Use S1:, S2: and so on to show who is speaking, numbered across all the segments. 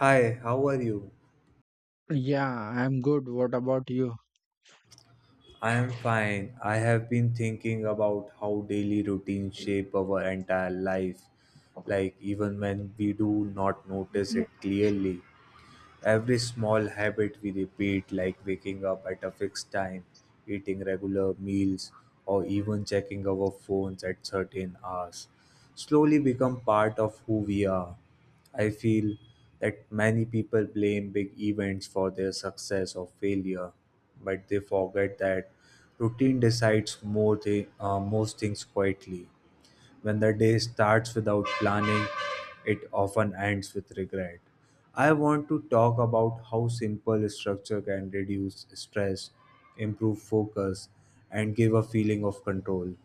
S1: Hi, how are you?
S2: Yeah, I'm good. What about you?
S1: I am fine. I have been thinking about how daily routines shape our entire life, like even when we do not notice it clearly. Every small habit we repeat, like waking up at a fixed time, eating regular meals, or even checking our phones at certain hours, slowly become part of who we are. I feel that many people blame big events for their success or failure, but they forget that routine decides most things quietly. When the day starts without planning, it often ends with regret. I want to talk about how simple structure can reduce stress, improve focus, and give a feeling of control.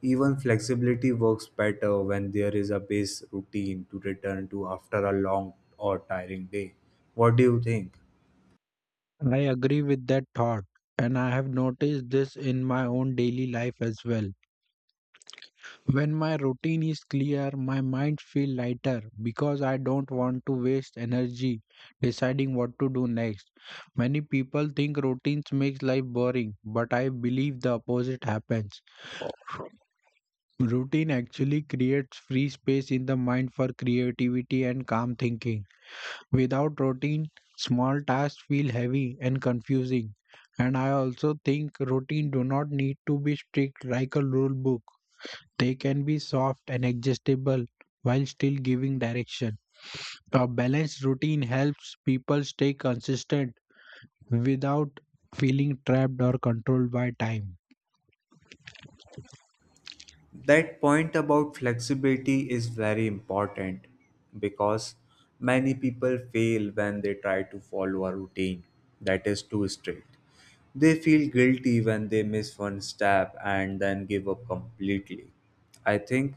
S1: Even flexibility works better when there is a base routine to return to after a long or tiring day. What do you think?
S2: I agree with that thought, and I have noticed this in my own daily life as well. When my routine is clear, my mind feels lighter because I don't want to waste energy deciding what to do next. Many people think routines makes life boring, but I believe the opposite happens. Routine actually creates free space in the mind for creativity and calm thinking. Without routine, small tasks feel heavy and confusing. And I also think routine do not need to be strict like a rule book. They can be soft and adjustable while still giving direction. A balanced routine helps people stay consistent without feeling trapped or controlled by time.
S1: That point about flexibility is very important because many people fail when they try to follow a routine that is too strict. They feel guilty when they miss one step and then give up completely. I think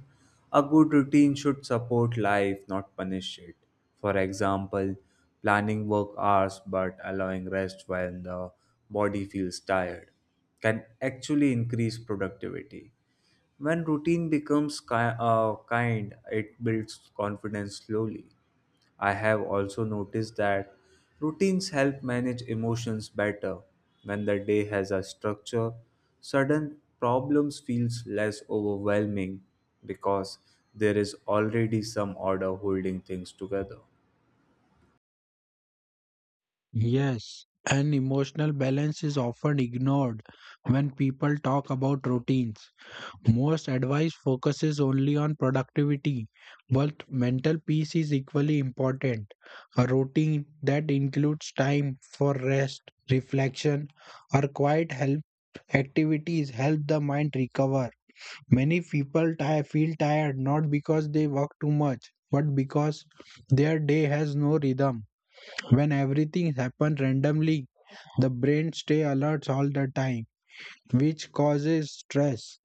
S1: a good routine should support life, not punish it. For example, planning work hours but allowing rest when the body feels tired can actually increase productivity. When routine becomes kind, it builds confidence slowly. I have also noticed that routines help manage emotions better. When the day has a structure, sudden problems feels less overwhelming because there is already some order holding things together.
S2: Yes, and emotional balance is often ignored when people talk about routines. Most advice focuses only on productivity, but mental peace is equally important. A routine that includes time for rest, reflection, or quiet help activities help the mind recover. Many people feel tired not because they work too much, but because their day has no rhythm. When everything happens randomly, the brain stays alert all the time, which causes stress.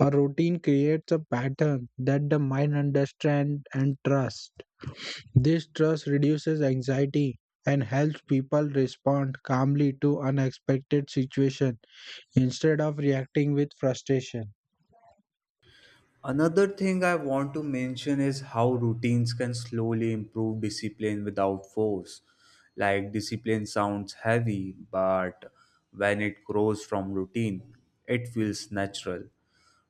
S2: A routine creates a pattern that the mind understands and trusts. This trust reduces anxiety and helps people respond calmly to unexpected situations instead of reacting with frustration.
S1: Another thing I want to mention is how routines can slowly improve discipline without force. Like discipline sounds heavy, but when it grows from routine, it feels natural.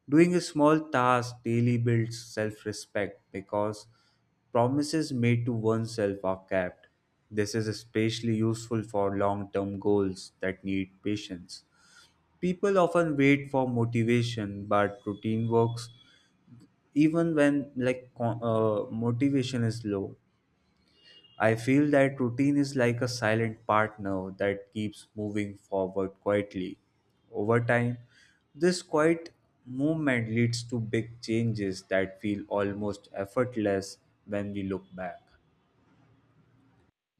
S1: Doing a small task daily builds self respect because promises made to oneself are kept. This is especially useful for long term goals that need patience. People often wait for motivation, but routine works even when motivation is low. I feel that routine is like a silent partner that keeps moving forward quietly over time. This quiet movement leads to big changes that feel almost effortless when we look back.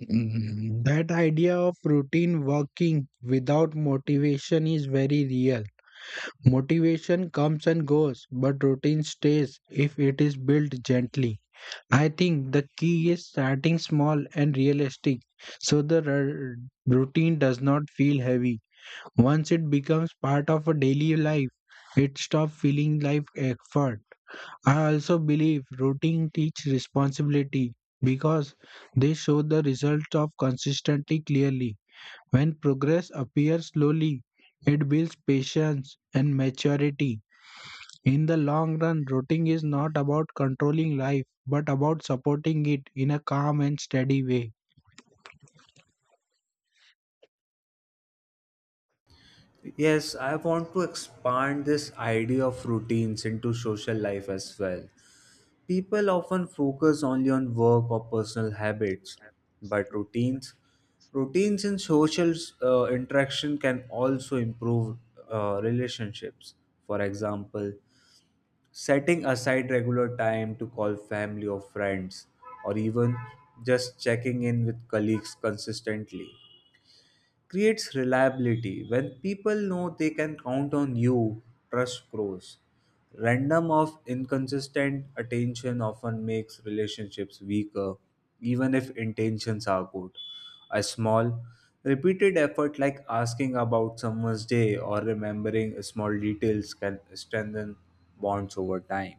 S2: That idea of routine working without motivation is very real. Motivation comes and goes, but routine stays if it is built gently. I think the key is starting small and realistic so the routine does not feel heavy. Once it becomes part of a daily life, it stops feeling like effort. I also believe routine teach responsibility because they show the result of consistency clearly. When progress appears slowly, it builds patience and maturity. In the long run, routing is not about controlling life, but about supporting it in a calm and steady way.
S1: Yes, I want to expand this idea of routines into social life as well. People often focus only on work or personal habits, but routines in social interaction can also improve relationships. For example, setting aside regular time to call family or friends, or even just checking in with colleagues consistently creates reliability. When people know they can count on you, trust grows. Random of inconsistent attention often makes relationships weaker, even if intentions are good. A small, repeated effort like asking about someone's day or remembering small details can strengthen bonds over time.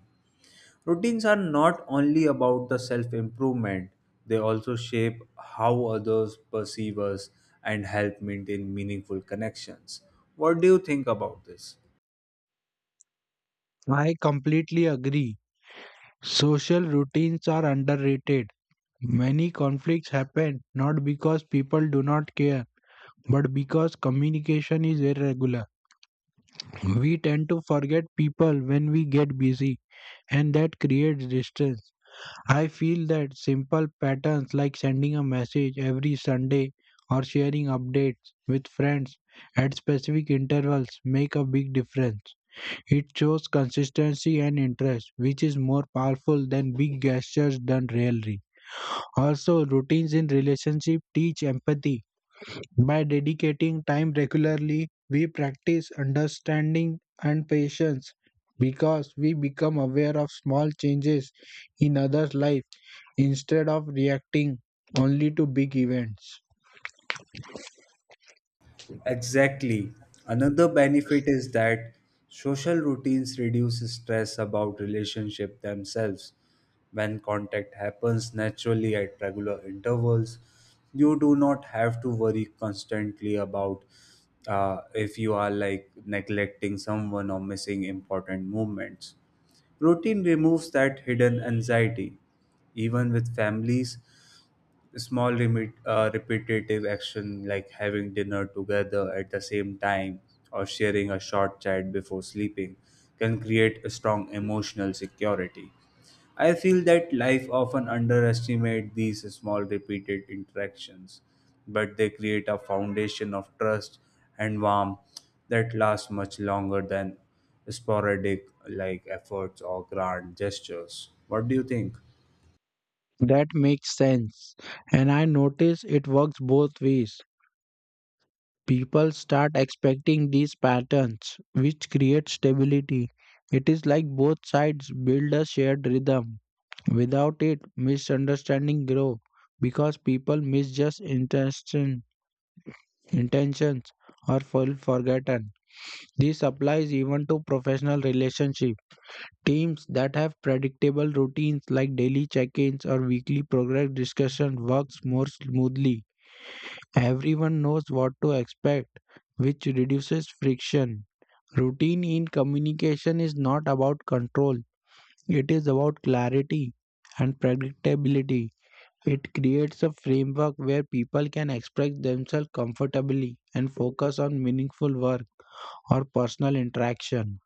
S1: Routines are not only about the self improvement, they also shape how others perceive us and help maintain meaningful connections. What do you think about this?
S2: I completely agree. Social routines are underrated. Many conflicts happen not because people do not care, but because communication is irregular. We tend to forget people when we get busy, and that creates distance. I feel that simple patterns like sending a message every Sunday or sharing updates with friends at specific intervals make a big difference. It shows consistency and interest, which is more powerful than big gestures done rarely. Also, routines in relationship teach empathy. By dedicating time regularly, we practice understanding and patience because we become aware of small changes in others' life instead of reacting only to big events.
S1: Exactly. Another benefit is that social routines reduce stress about relationship themselves. When contact happens naturally at regular intervals, you do not have to worry constantly about if you are like neglecting someone or missing important movements. Routine removes that hidden anxiety. Even with families, small repetitive action like having dinner together at the same time or sharing a short chat before sleeping can create a strong emotional security. I feel that life often underestimates these small repeated interactions, but they create a foundation of trust and warmth that lasts much longer than sporadic like efforts or grand gestures. What do you think?
S2: That makes sense. And I notice it works both ways. People start expecting these patterns, which create stability. It is like both sides build a shared rhythm. Without it, misunderstanding grow because people misjudge intentions or fall forgotten. This applies even to professional relationships. Teams that have predictable routines like daily check ins or weekly progress discussion works more smoothly. Everyone knows what to expect, which reduces friction. Routine in communication is not about control, it is about clarity and predictability. It creates a framework where people can express themselves comfortably and focus on meaningful work or personal interaction.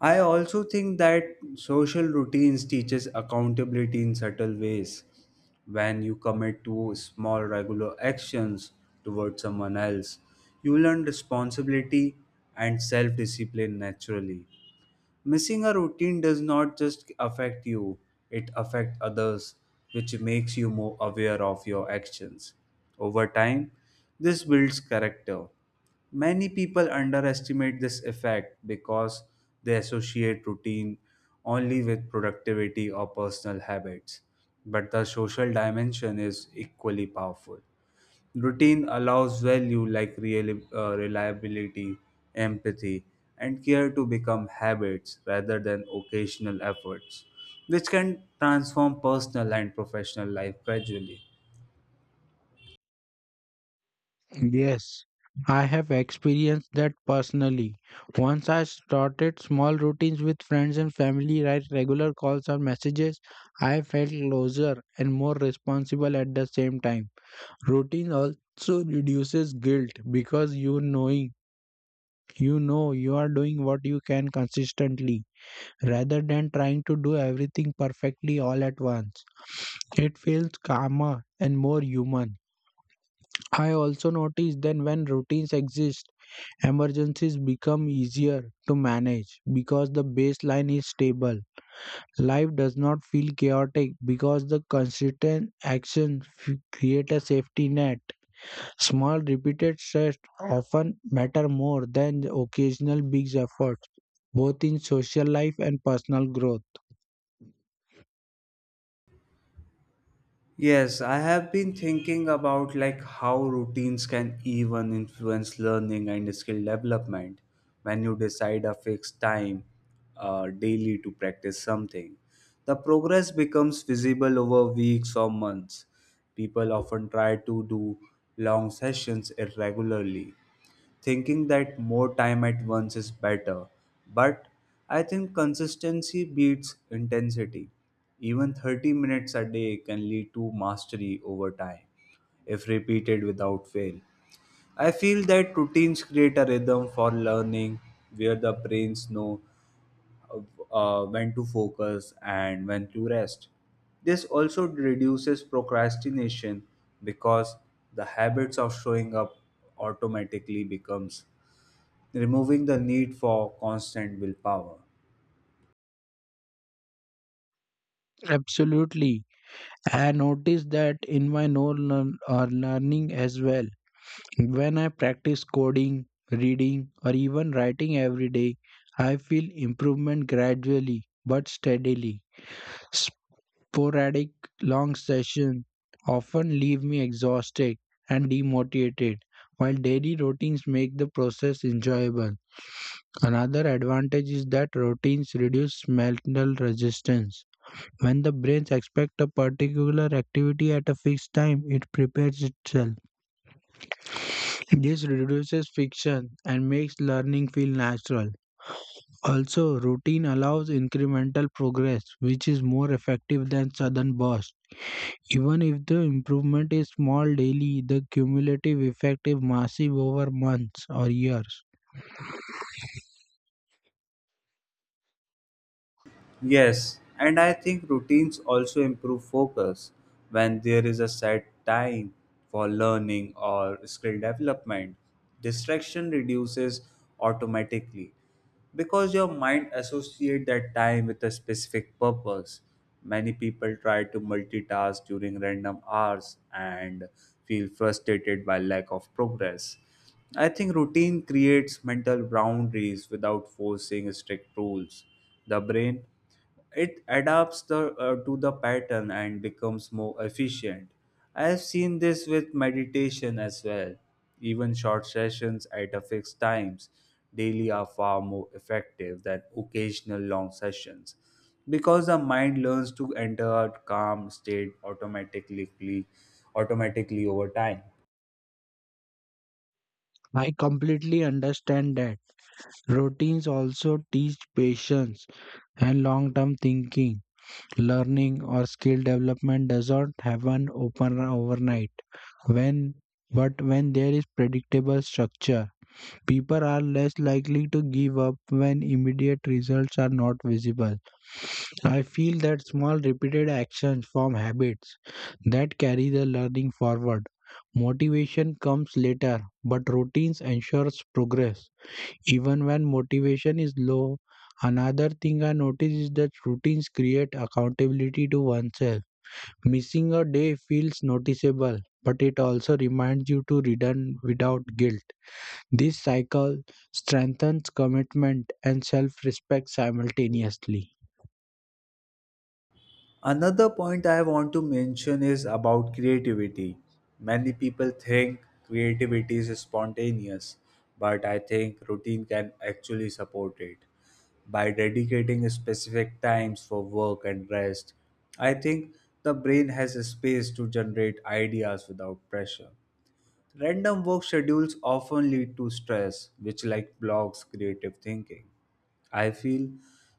S1: I also think that social routines teaches accountability in subtle ways. When you commit to small regular actions towards someone else, you learn responsibility and self-discipline naturally. Missing a routine does not just affect you, it affects others, which makes you more aware of your actions. Over time, this builds character. Many people underestimate this effect because they associate routine only with productivity or personal habits. But the social dimension is equally powerful. Routine allows value like reliability, empathy, and care to become habits rather than occasional efforts, which can transform personal and professional life gradually.
S2: Yes, I have experienced that personally. Once I started small routines with friends and family, right? Regular calls or messages, I felt closer and more responsible at the same time. Routine also reduces guilt because you know you are doing what you can consistently rather than trying to do everything perfectly all at once. It feels calmer and more human. I also notice that when routines exist, emergencies become easier to manage because the baseline is stable. Life does not feel chaotic because the consistent actions create a safety net. Small repeated stress often matter more than the occasional big efforts, both in social life and personal growth.
S1: Yes, I have been thinking about like how routines can even influence learning and skill development when you decide a fixed time daily to practice something. The progress becomes visible over weeks or months. People often try to do long sessions irregularly thinking that more time at once is better. But I think consistency beats intensity. Even 30 minutes a day can lead to mastery over time if repeated without fail. I feel that routines create a rhythm for learning where the brains know uh, when to focus and when to rest. This also reduces procrastination because the habits of showing up automatically becomes removing the need for constant willpower.
S2: Absolutely. I noticed that in my own learning as well. When I practice coding, reading, or even writing every day, I feel improvement gradually but steadily. Sporadic long sessions often leave me exhausted and demotivated, while daily routines make the process enjoyable. Another advantage is that routines reduce mental resistance. When the brain expects a particular activity at a fixed time, it prepares itself. This reduces friction and makes learning feel natural. Also, routine allows incremental progress, which is more effective than sudden bursts. Even if the improvement is small daily, the cumulative effect is massive over months or years.
S1: Yes, and I think routines also improve focus when there is a set time for learning or skill development. Distraction reduces automatically because your mind associates that time with a specific purpose. Many people try to multitask during random hours and feel frustrated by lack of progress. I think routine creates mental boundaries without forcing strict rules. The brain it adapts the to the pattern and becomes more efficient. I have seen this with meditation as well. Even short sessions at a fixed times daily are far more effective than occasional long sessions because the mind learns to enter a calm state automatically over time.
S2: I completely understand that. Routines also teach patience and long term thinking. Learning or skill development does not happen open overnight. When But when there is predictable structure, people are less likely to give up when immediate results are not visible. I feel that small repeated actions form habits that carry the learning forward. Motivation comes later, but routines ensures progress. Even when motivation is low, another thing I notice is that routines create accountability to oneself. Missing a day feels noticeable, but it also reminds you to return without guilt. This cycle strengthens commitment and self respect simultaneously.
S1: Another point I want to mention is about creativity. Many people think creativity is spontaneous, but I think routine can actually support it. By dedicating specific times for work and rest, I think the brain has a space to generate ideas without pressure. Random work schedules often lead to stress, which like blocks creative thinking. I feel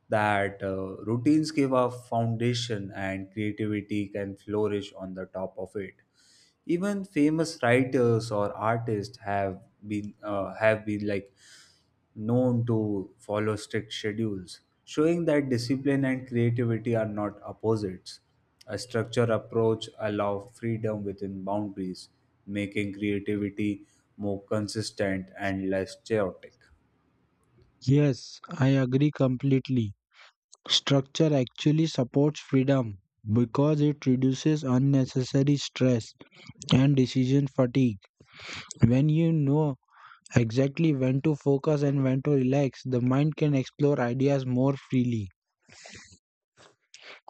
S1: that routines give a foundation and creativity can flourish on the top of it. Even famous writers or artists have been known to follow strict schedules, showing that discipline and creativity are not opposites. A structured approach allows freedom within boundaries, making creativity more consistent and less chaotic.
S2: Yes, I agree completely. Structure actually supports freedom because it reduces unnecessary stress and decision fatigue. When you know exactly when to focus and when to relax, the mind can explore ideas more freely.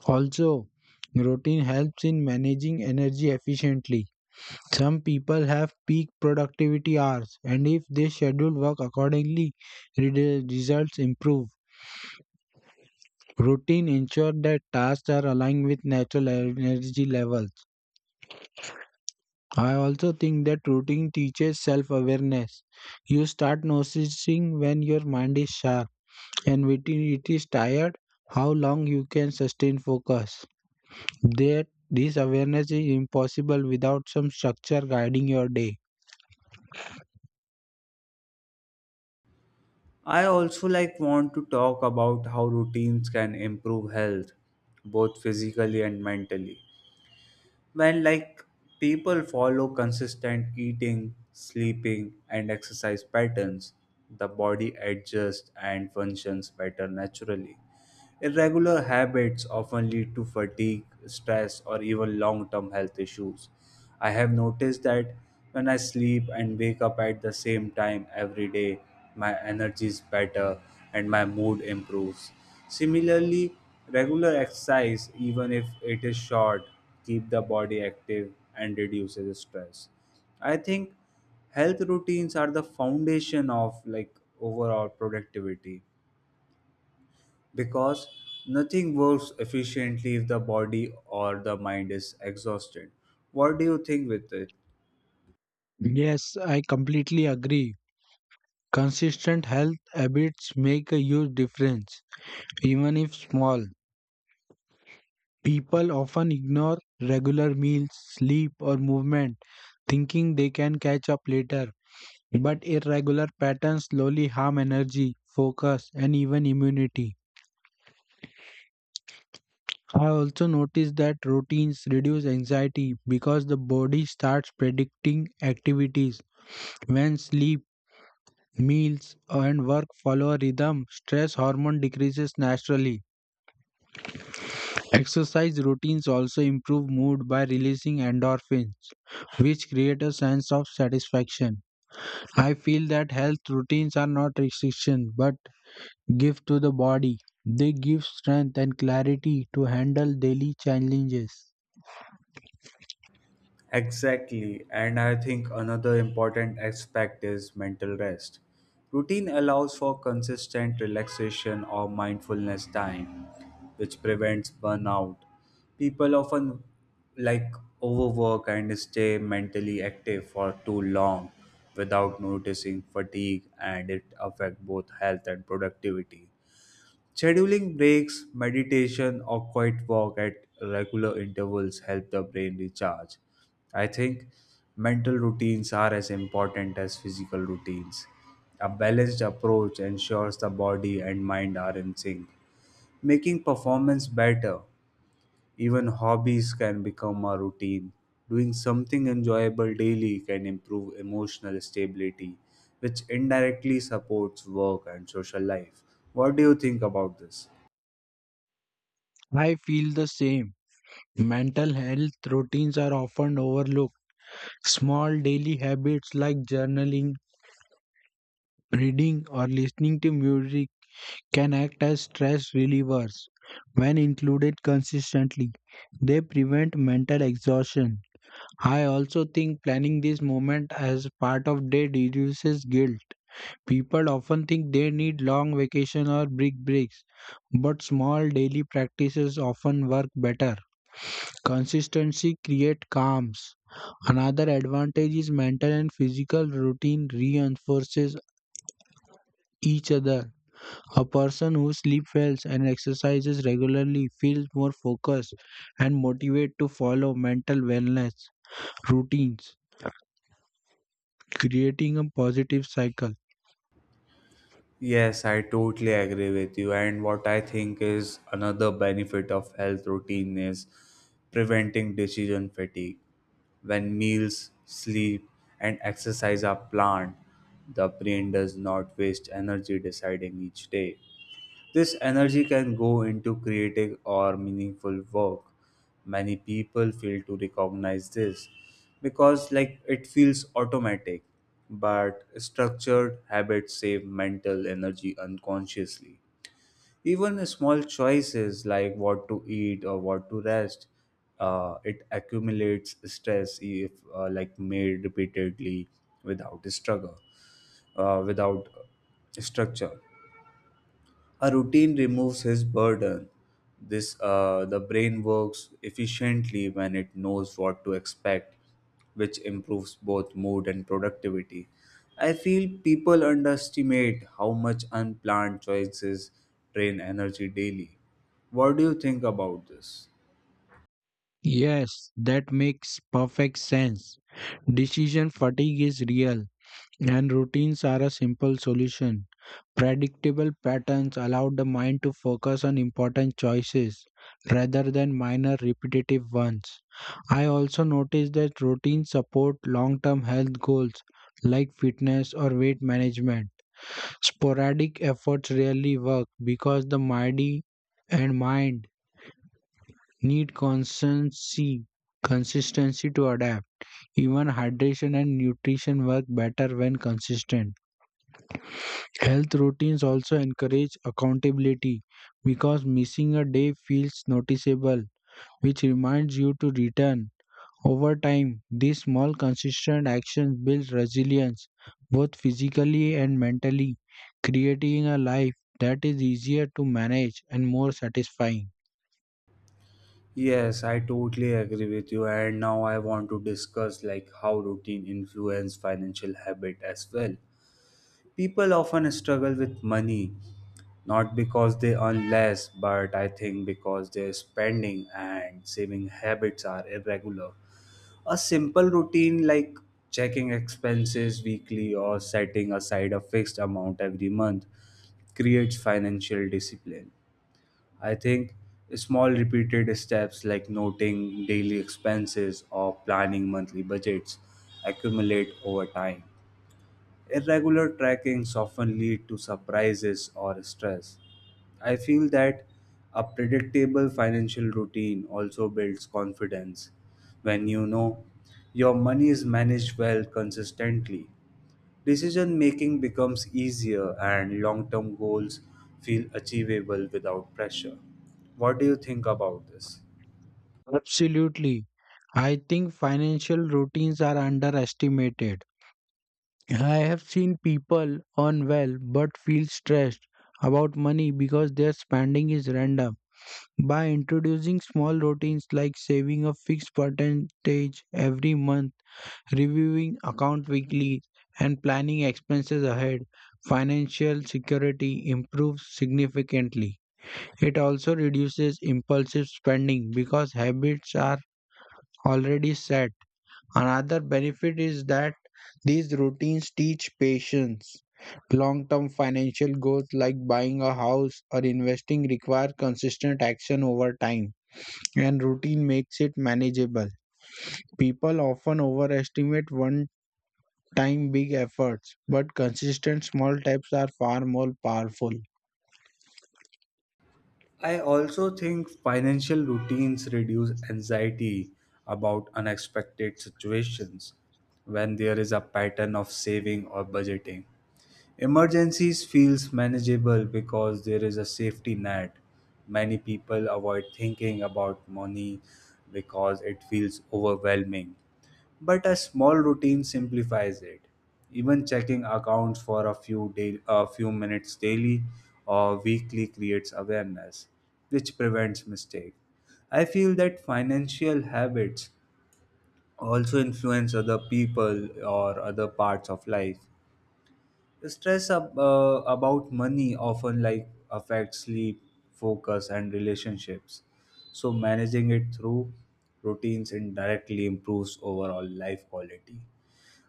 S2: Also, routine helps in managing energy efficiently. Some people have peak productivity hours, and if they schedule work accordingly, results improve. Routine ensure that tasks are aligned with natural energy levels. I also think that routine teaches self awareness. You start noticing when your mind is sharp and when it is tired, how long you can sustain focus. That This awareness is impossible without some structure guiding your day.
S1: I also like want to talk about how routines can improve health, both physically and mentally when like people follow consistent eating sleeping and exercise patterns. The body adjusts and functions better naturally. Irregular habits often lead to fatigue, stress, or even long term health issues. I have noticed that when I sleep and wake up at the same time every day, my energy is better and my mood improves. Similarly, regular exercise, even if it is short, keep the body active and reduces stress. I think health routines are the foundation of like overall productivity because nothing works efficiently if the body or the mind is exhausted. What do you think with it?
S2: Yes, I completely agree. Consistent health habits make a huge difference, even if small. People often ignore regular meals, sleep, or movement, thinking they can catch up later. But irregular patterns slowly harm energy, focus, and even immunity. I also noticed that routines reduce anxiety because the body starts predicting activities. When sleep, meals, and work follow a rhythm, stress hormone decreases naturally. Exercise routines also improve mood by releasing endorphins, which create a sense of satisfaction. I feel that health routines are not restriction but give to the body. They give strength and clarity to handle daily challenges.
S1: Exactly, and I think another important aspect is mental rest. Routine allows for consistent relaxation or mindfulness time, which prevents burnout. People often like overwork and stay mentally active for too long without noticing fatigue and it affects both health and productivity. Scheduling breaks, meditation, or quiet walk at regular intervals help the brain recharge. I think mental routines are as important as physical routines. A balanced approach ensures the body and mind are in sync, making performance better. Even hobbies can become a routine. Doing something enjoyable daily can improve emotional stability, which indirectly supports work and social life. What do you think about this?
S2: I feel the same. Mental health routines are often overlooked. Small daily habits like journaling, reading, or listening to music can act as stress relievers when included consistently. They prevent mental exhaustion. I also think planning this moment as part of day reduces guilt. People often think they need long vacation or big breaks, but small daily practices often work better. Consistency creates calms. Another advantage is mental and physical routine reinforces each other. A person who sleeps well and exercises regularly feels more focused and motivated to follow mental wellness routines, creating a positive cycle.
S1: Yes, I totally agree with you. And what I think is another benefit of health routine is preventing decision fatigue. When meals, sleep, and exercise are planned, the brain does not waste energy deciding each day. This energy can go into creative or meaningful work. Many people fail to recognize this because like it feels automatic, but structured habits save mental energy unconsciously. Even small choices like what to eat or what to rest, it accumulates stress if like made repeatedly without struggle, without structure. A routine removes his burden. This The brain works efficiently when it knows what to expect, which improves both mood and productivity. I feel people underestimate how much unplanned choices drain energy daily. What do you think about this?
S2: Yes, that makes perfect sense. Decision fatigue is real, and routines are a simple solution. Predictable patterns allow the mind to focus on important choices rather than minor repetitive ones. I also noticed that routines support long term health goals like fitness or weight management. Sporadic efforts rarely work because the body and mind need consistency to adapt. Even hydration and nutrition work better when consistent. Health routines also encourage accountability because missing a day feels noticeable, which reminds you to return. Over time, these small consistent actions build resilience, both physically and mentally, creating a life that is easier to manage and more satisfying.
S1: Yes, I totally agree with you. And now I want to discuss like how routine influence financial habit as well. People often struggle with money, not because they earn less, but I think because their spending and saving habits are irregular. A simple routine like checking expenses weekly or setting aside a fixed amount every month creates financial discipline. I think small repeated steps like noting daily expenses or planning monthly budgets accumulate over time. Irregular trackings often lead to surprises or stress. I feel that a predictable financial routine also builds confidence when you know your money is managed well consistently. Decision making becomes easier and long term goals feel achievable without pressure. What do you think about this?
S2: Absolutely. I think financial routines are underestimated. I have seen people earn well but feel stressed about money because their spending is random. By introducing small routines like saving a fixed percentage every month, reviewing account weekly, and planning expenses ahead, financial security improves significantly. It also reduces impulsive spending because habits are already set. Another benefit is that these routines teach patience. Long term financial goals like buying a house or investing require consistent action over time, and routine makes it manageable. People often overestimate one time big efforts, but consistent small steps are far more powerful.
S1: I also think financial routines reduce anxiety about unexpected situations when there is a pattern of saving or budgeting. Emergencies feels manageable because there is a safety net. Many people avoid thinking about money because it feels overwhelming, but a small routine simplifies it. Even checking accounts for a few minutes daily or weekly creates awareness, which prevents mistake. I feel that financial habits also influence other people or other parts of life. Stress about money often like affects sleep, focus, and relationships. So managing it through routines indirectly improves overall life quality.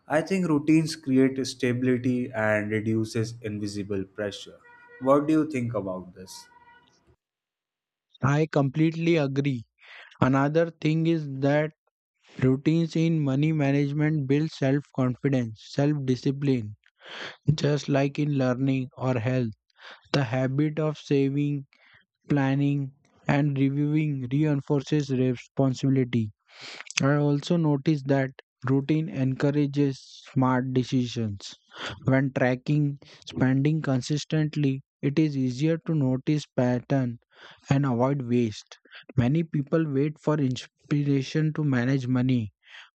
S1: I think routines create stability and reduces invisible pressure. What do you think about this?
S2: I completely agree. Another thing is that routines in money management build self confidence, self discipline. Just like in learning or health, the habit of saving, planning, and reviewing reinforces responsibility. I also noticed that routine encourages smart decisions. When tracking spending consistently, it is easier to notice pattern and avoid waste. Many people wait for inspiration to manage money,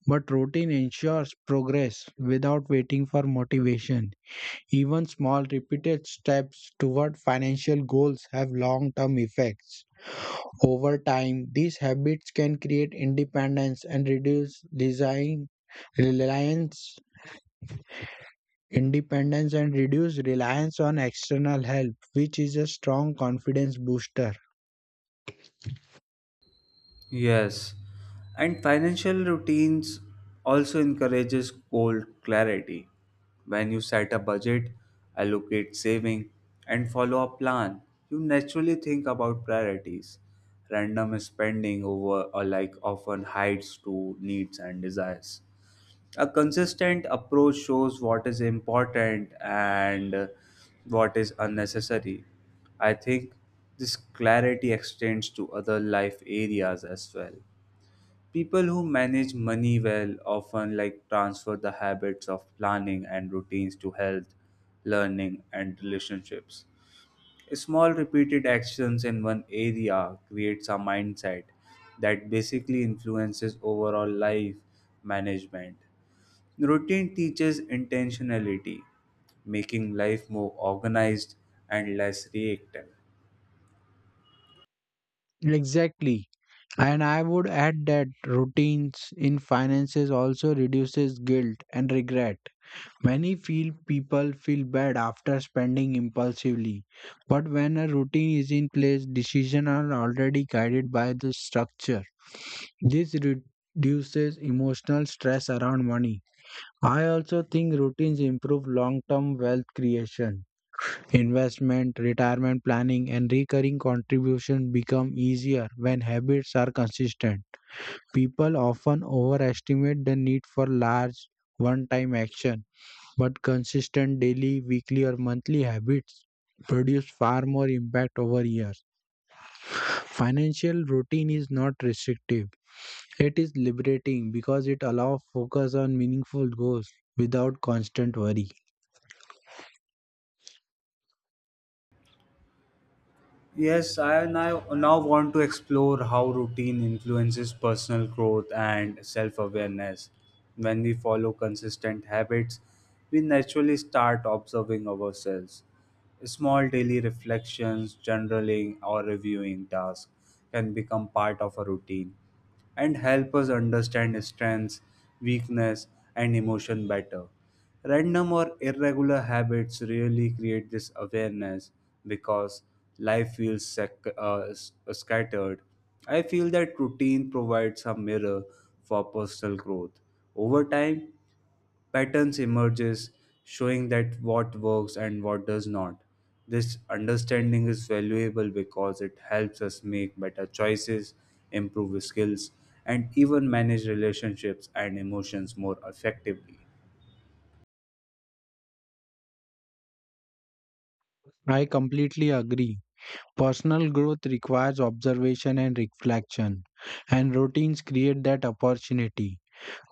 S2: but routine ensures progress without waiting for motivation. Even small repeated steps toward financial goals have long term effects. Over time, these habits can create independence and reduce design reliance, independence and reduce reliance on external help, which is a strong confidence booster.
S1: Yes. And financial routines also encourages goal clarity. When you set a budget, allocate saving and follow a plan, you naturally think about priorities. Random spending over or like often hides to needs and desires. A consistent approach shows what is important and what is unnecessary. I think this clarity extends to other life areas as well. People who manage money well often like transfer the habits of planning and routines to health, learning and relationships. Small repeated actions in one area creates a mindset that basically influences overall life management. Routine teaches intentionality, making life more organized and less reactive.
S2: Exactly. And I would add that routines in finances also reduces guilt and regret. Many feel People feel bad after spending impulsively, but when a routine is in place, decisions are already guided by the structure. This reduces emotional stress around money. I also think routines improve long-term wealth creation. Investment, retirement planning, and recurring contribution become easier when habits are consistent. People often overestimate the need for large one-time action, but consistent daily, weekly, or monthly habits produce far more impact over years. Financial routine is not restrictive, it is liberating because it allows focus on meaningful goals without constant worry.
S1: Yes, now want to explore how routine influences personal growth and self awareness. When we follow consistent habits, we naturally start observing ourselves. Small daily reflections, journaling, or reviewing tasks can become part of a routine and help us understand strengths, weakness, and emotion better. Random or irregular habits really create this awareness because life feels scattered. I feel that routine provides a mirror for personal growth. Over time, patterns emerges showing that what works and what does not. This understanding is valuable because it helps us make better choices, improve skills, and even manage relationships and emotions more effectively.
S2: I completely agree. Personal growth requires observation and reflection, and routines create that opportunity.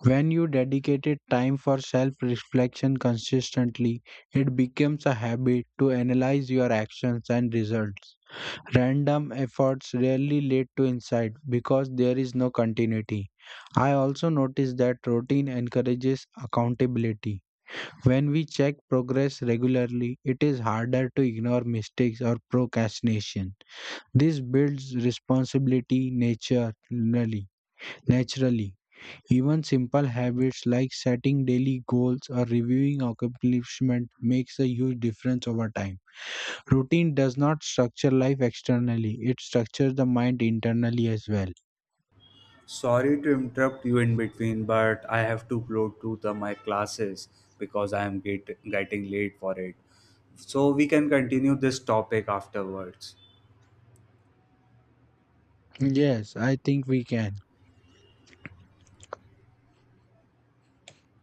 S2: When you dedicated time for self reflection consistently, it becomes a habit to analyze your actions and results. Random efforts rarely lead to insight because there is no continuity. I also notice that routine encourages accountability. When we check progress regularly, it is harder to ignore mistakes or procrastination. This builds responsibility naturally. naturally. Even simple habits like setting daily goals or reviewing accomplishment makes a huge difference over time. Routine does not structure life externally, it structures the mind internally as well.
S1: Sorry to interrupt you in between, but I have to upload to the my classes because getting late for it. So we can continue this topic afterwards.
S2: Yes, I think we can.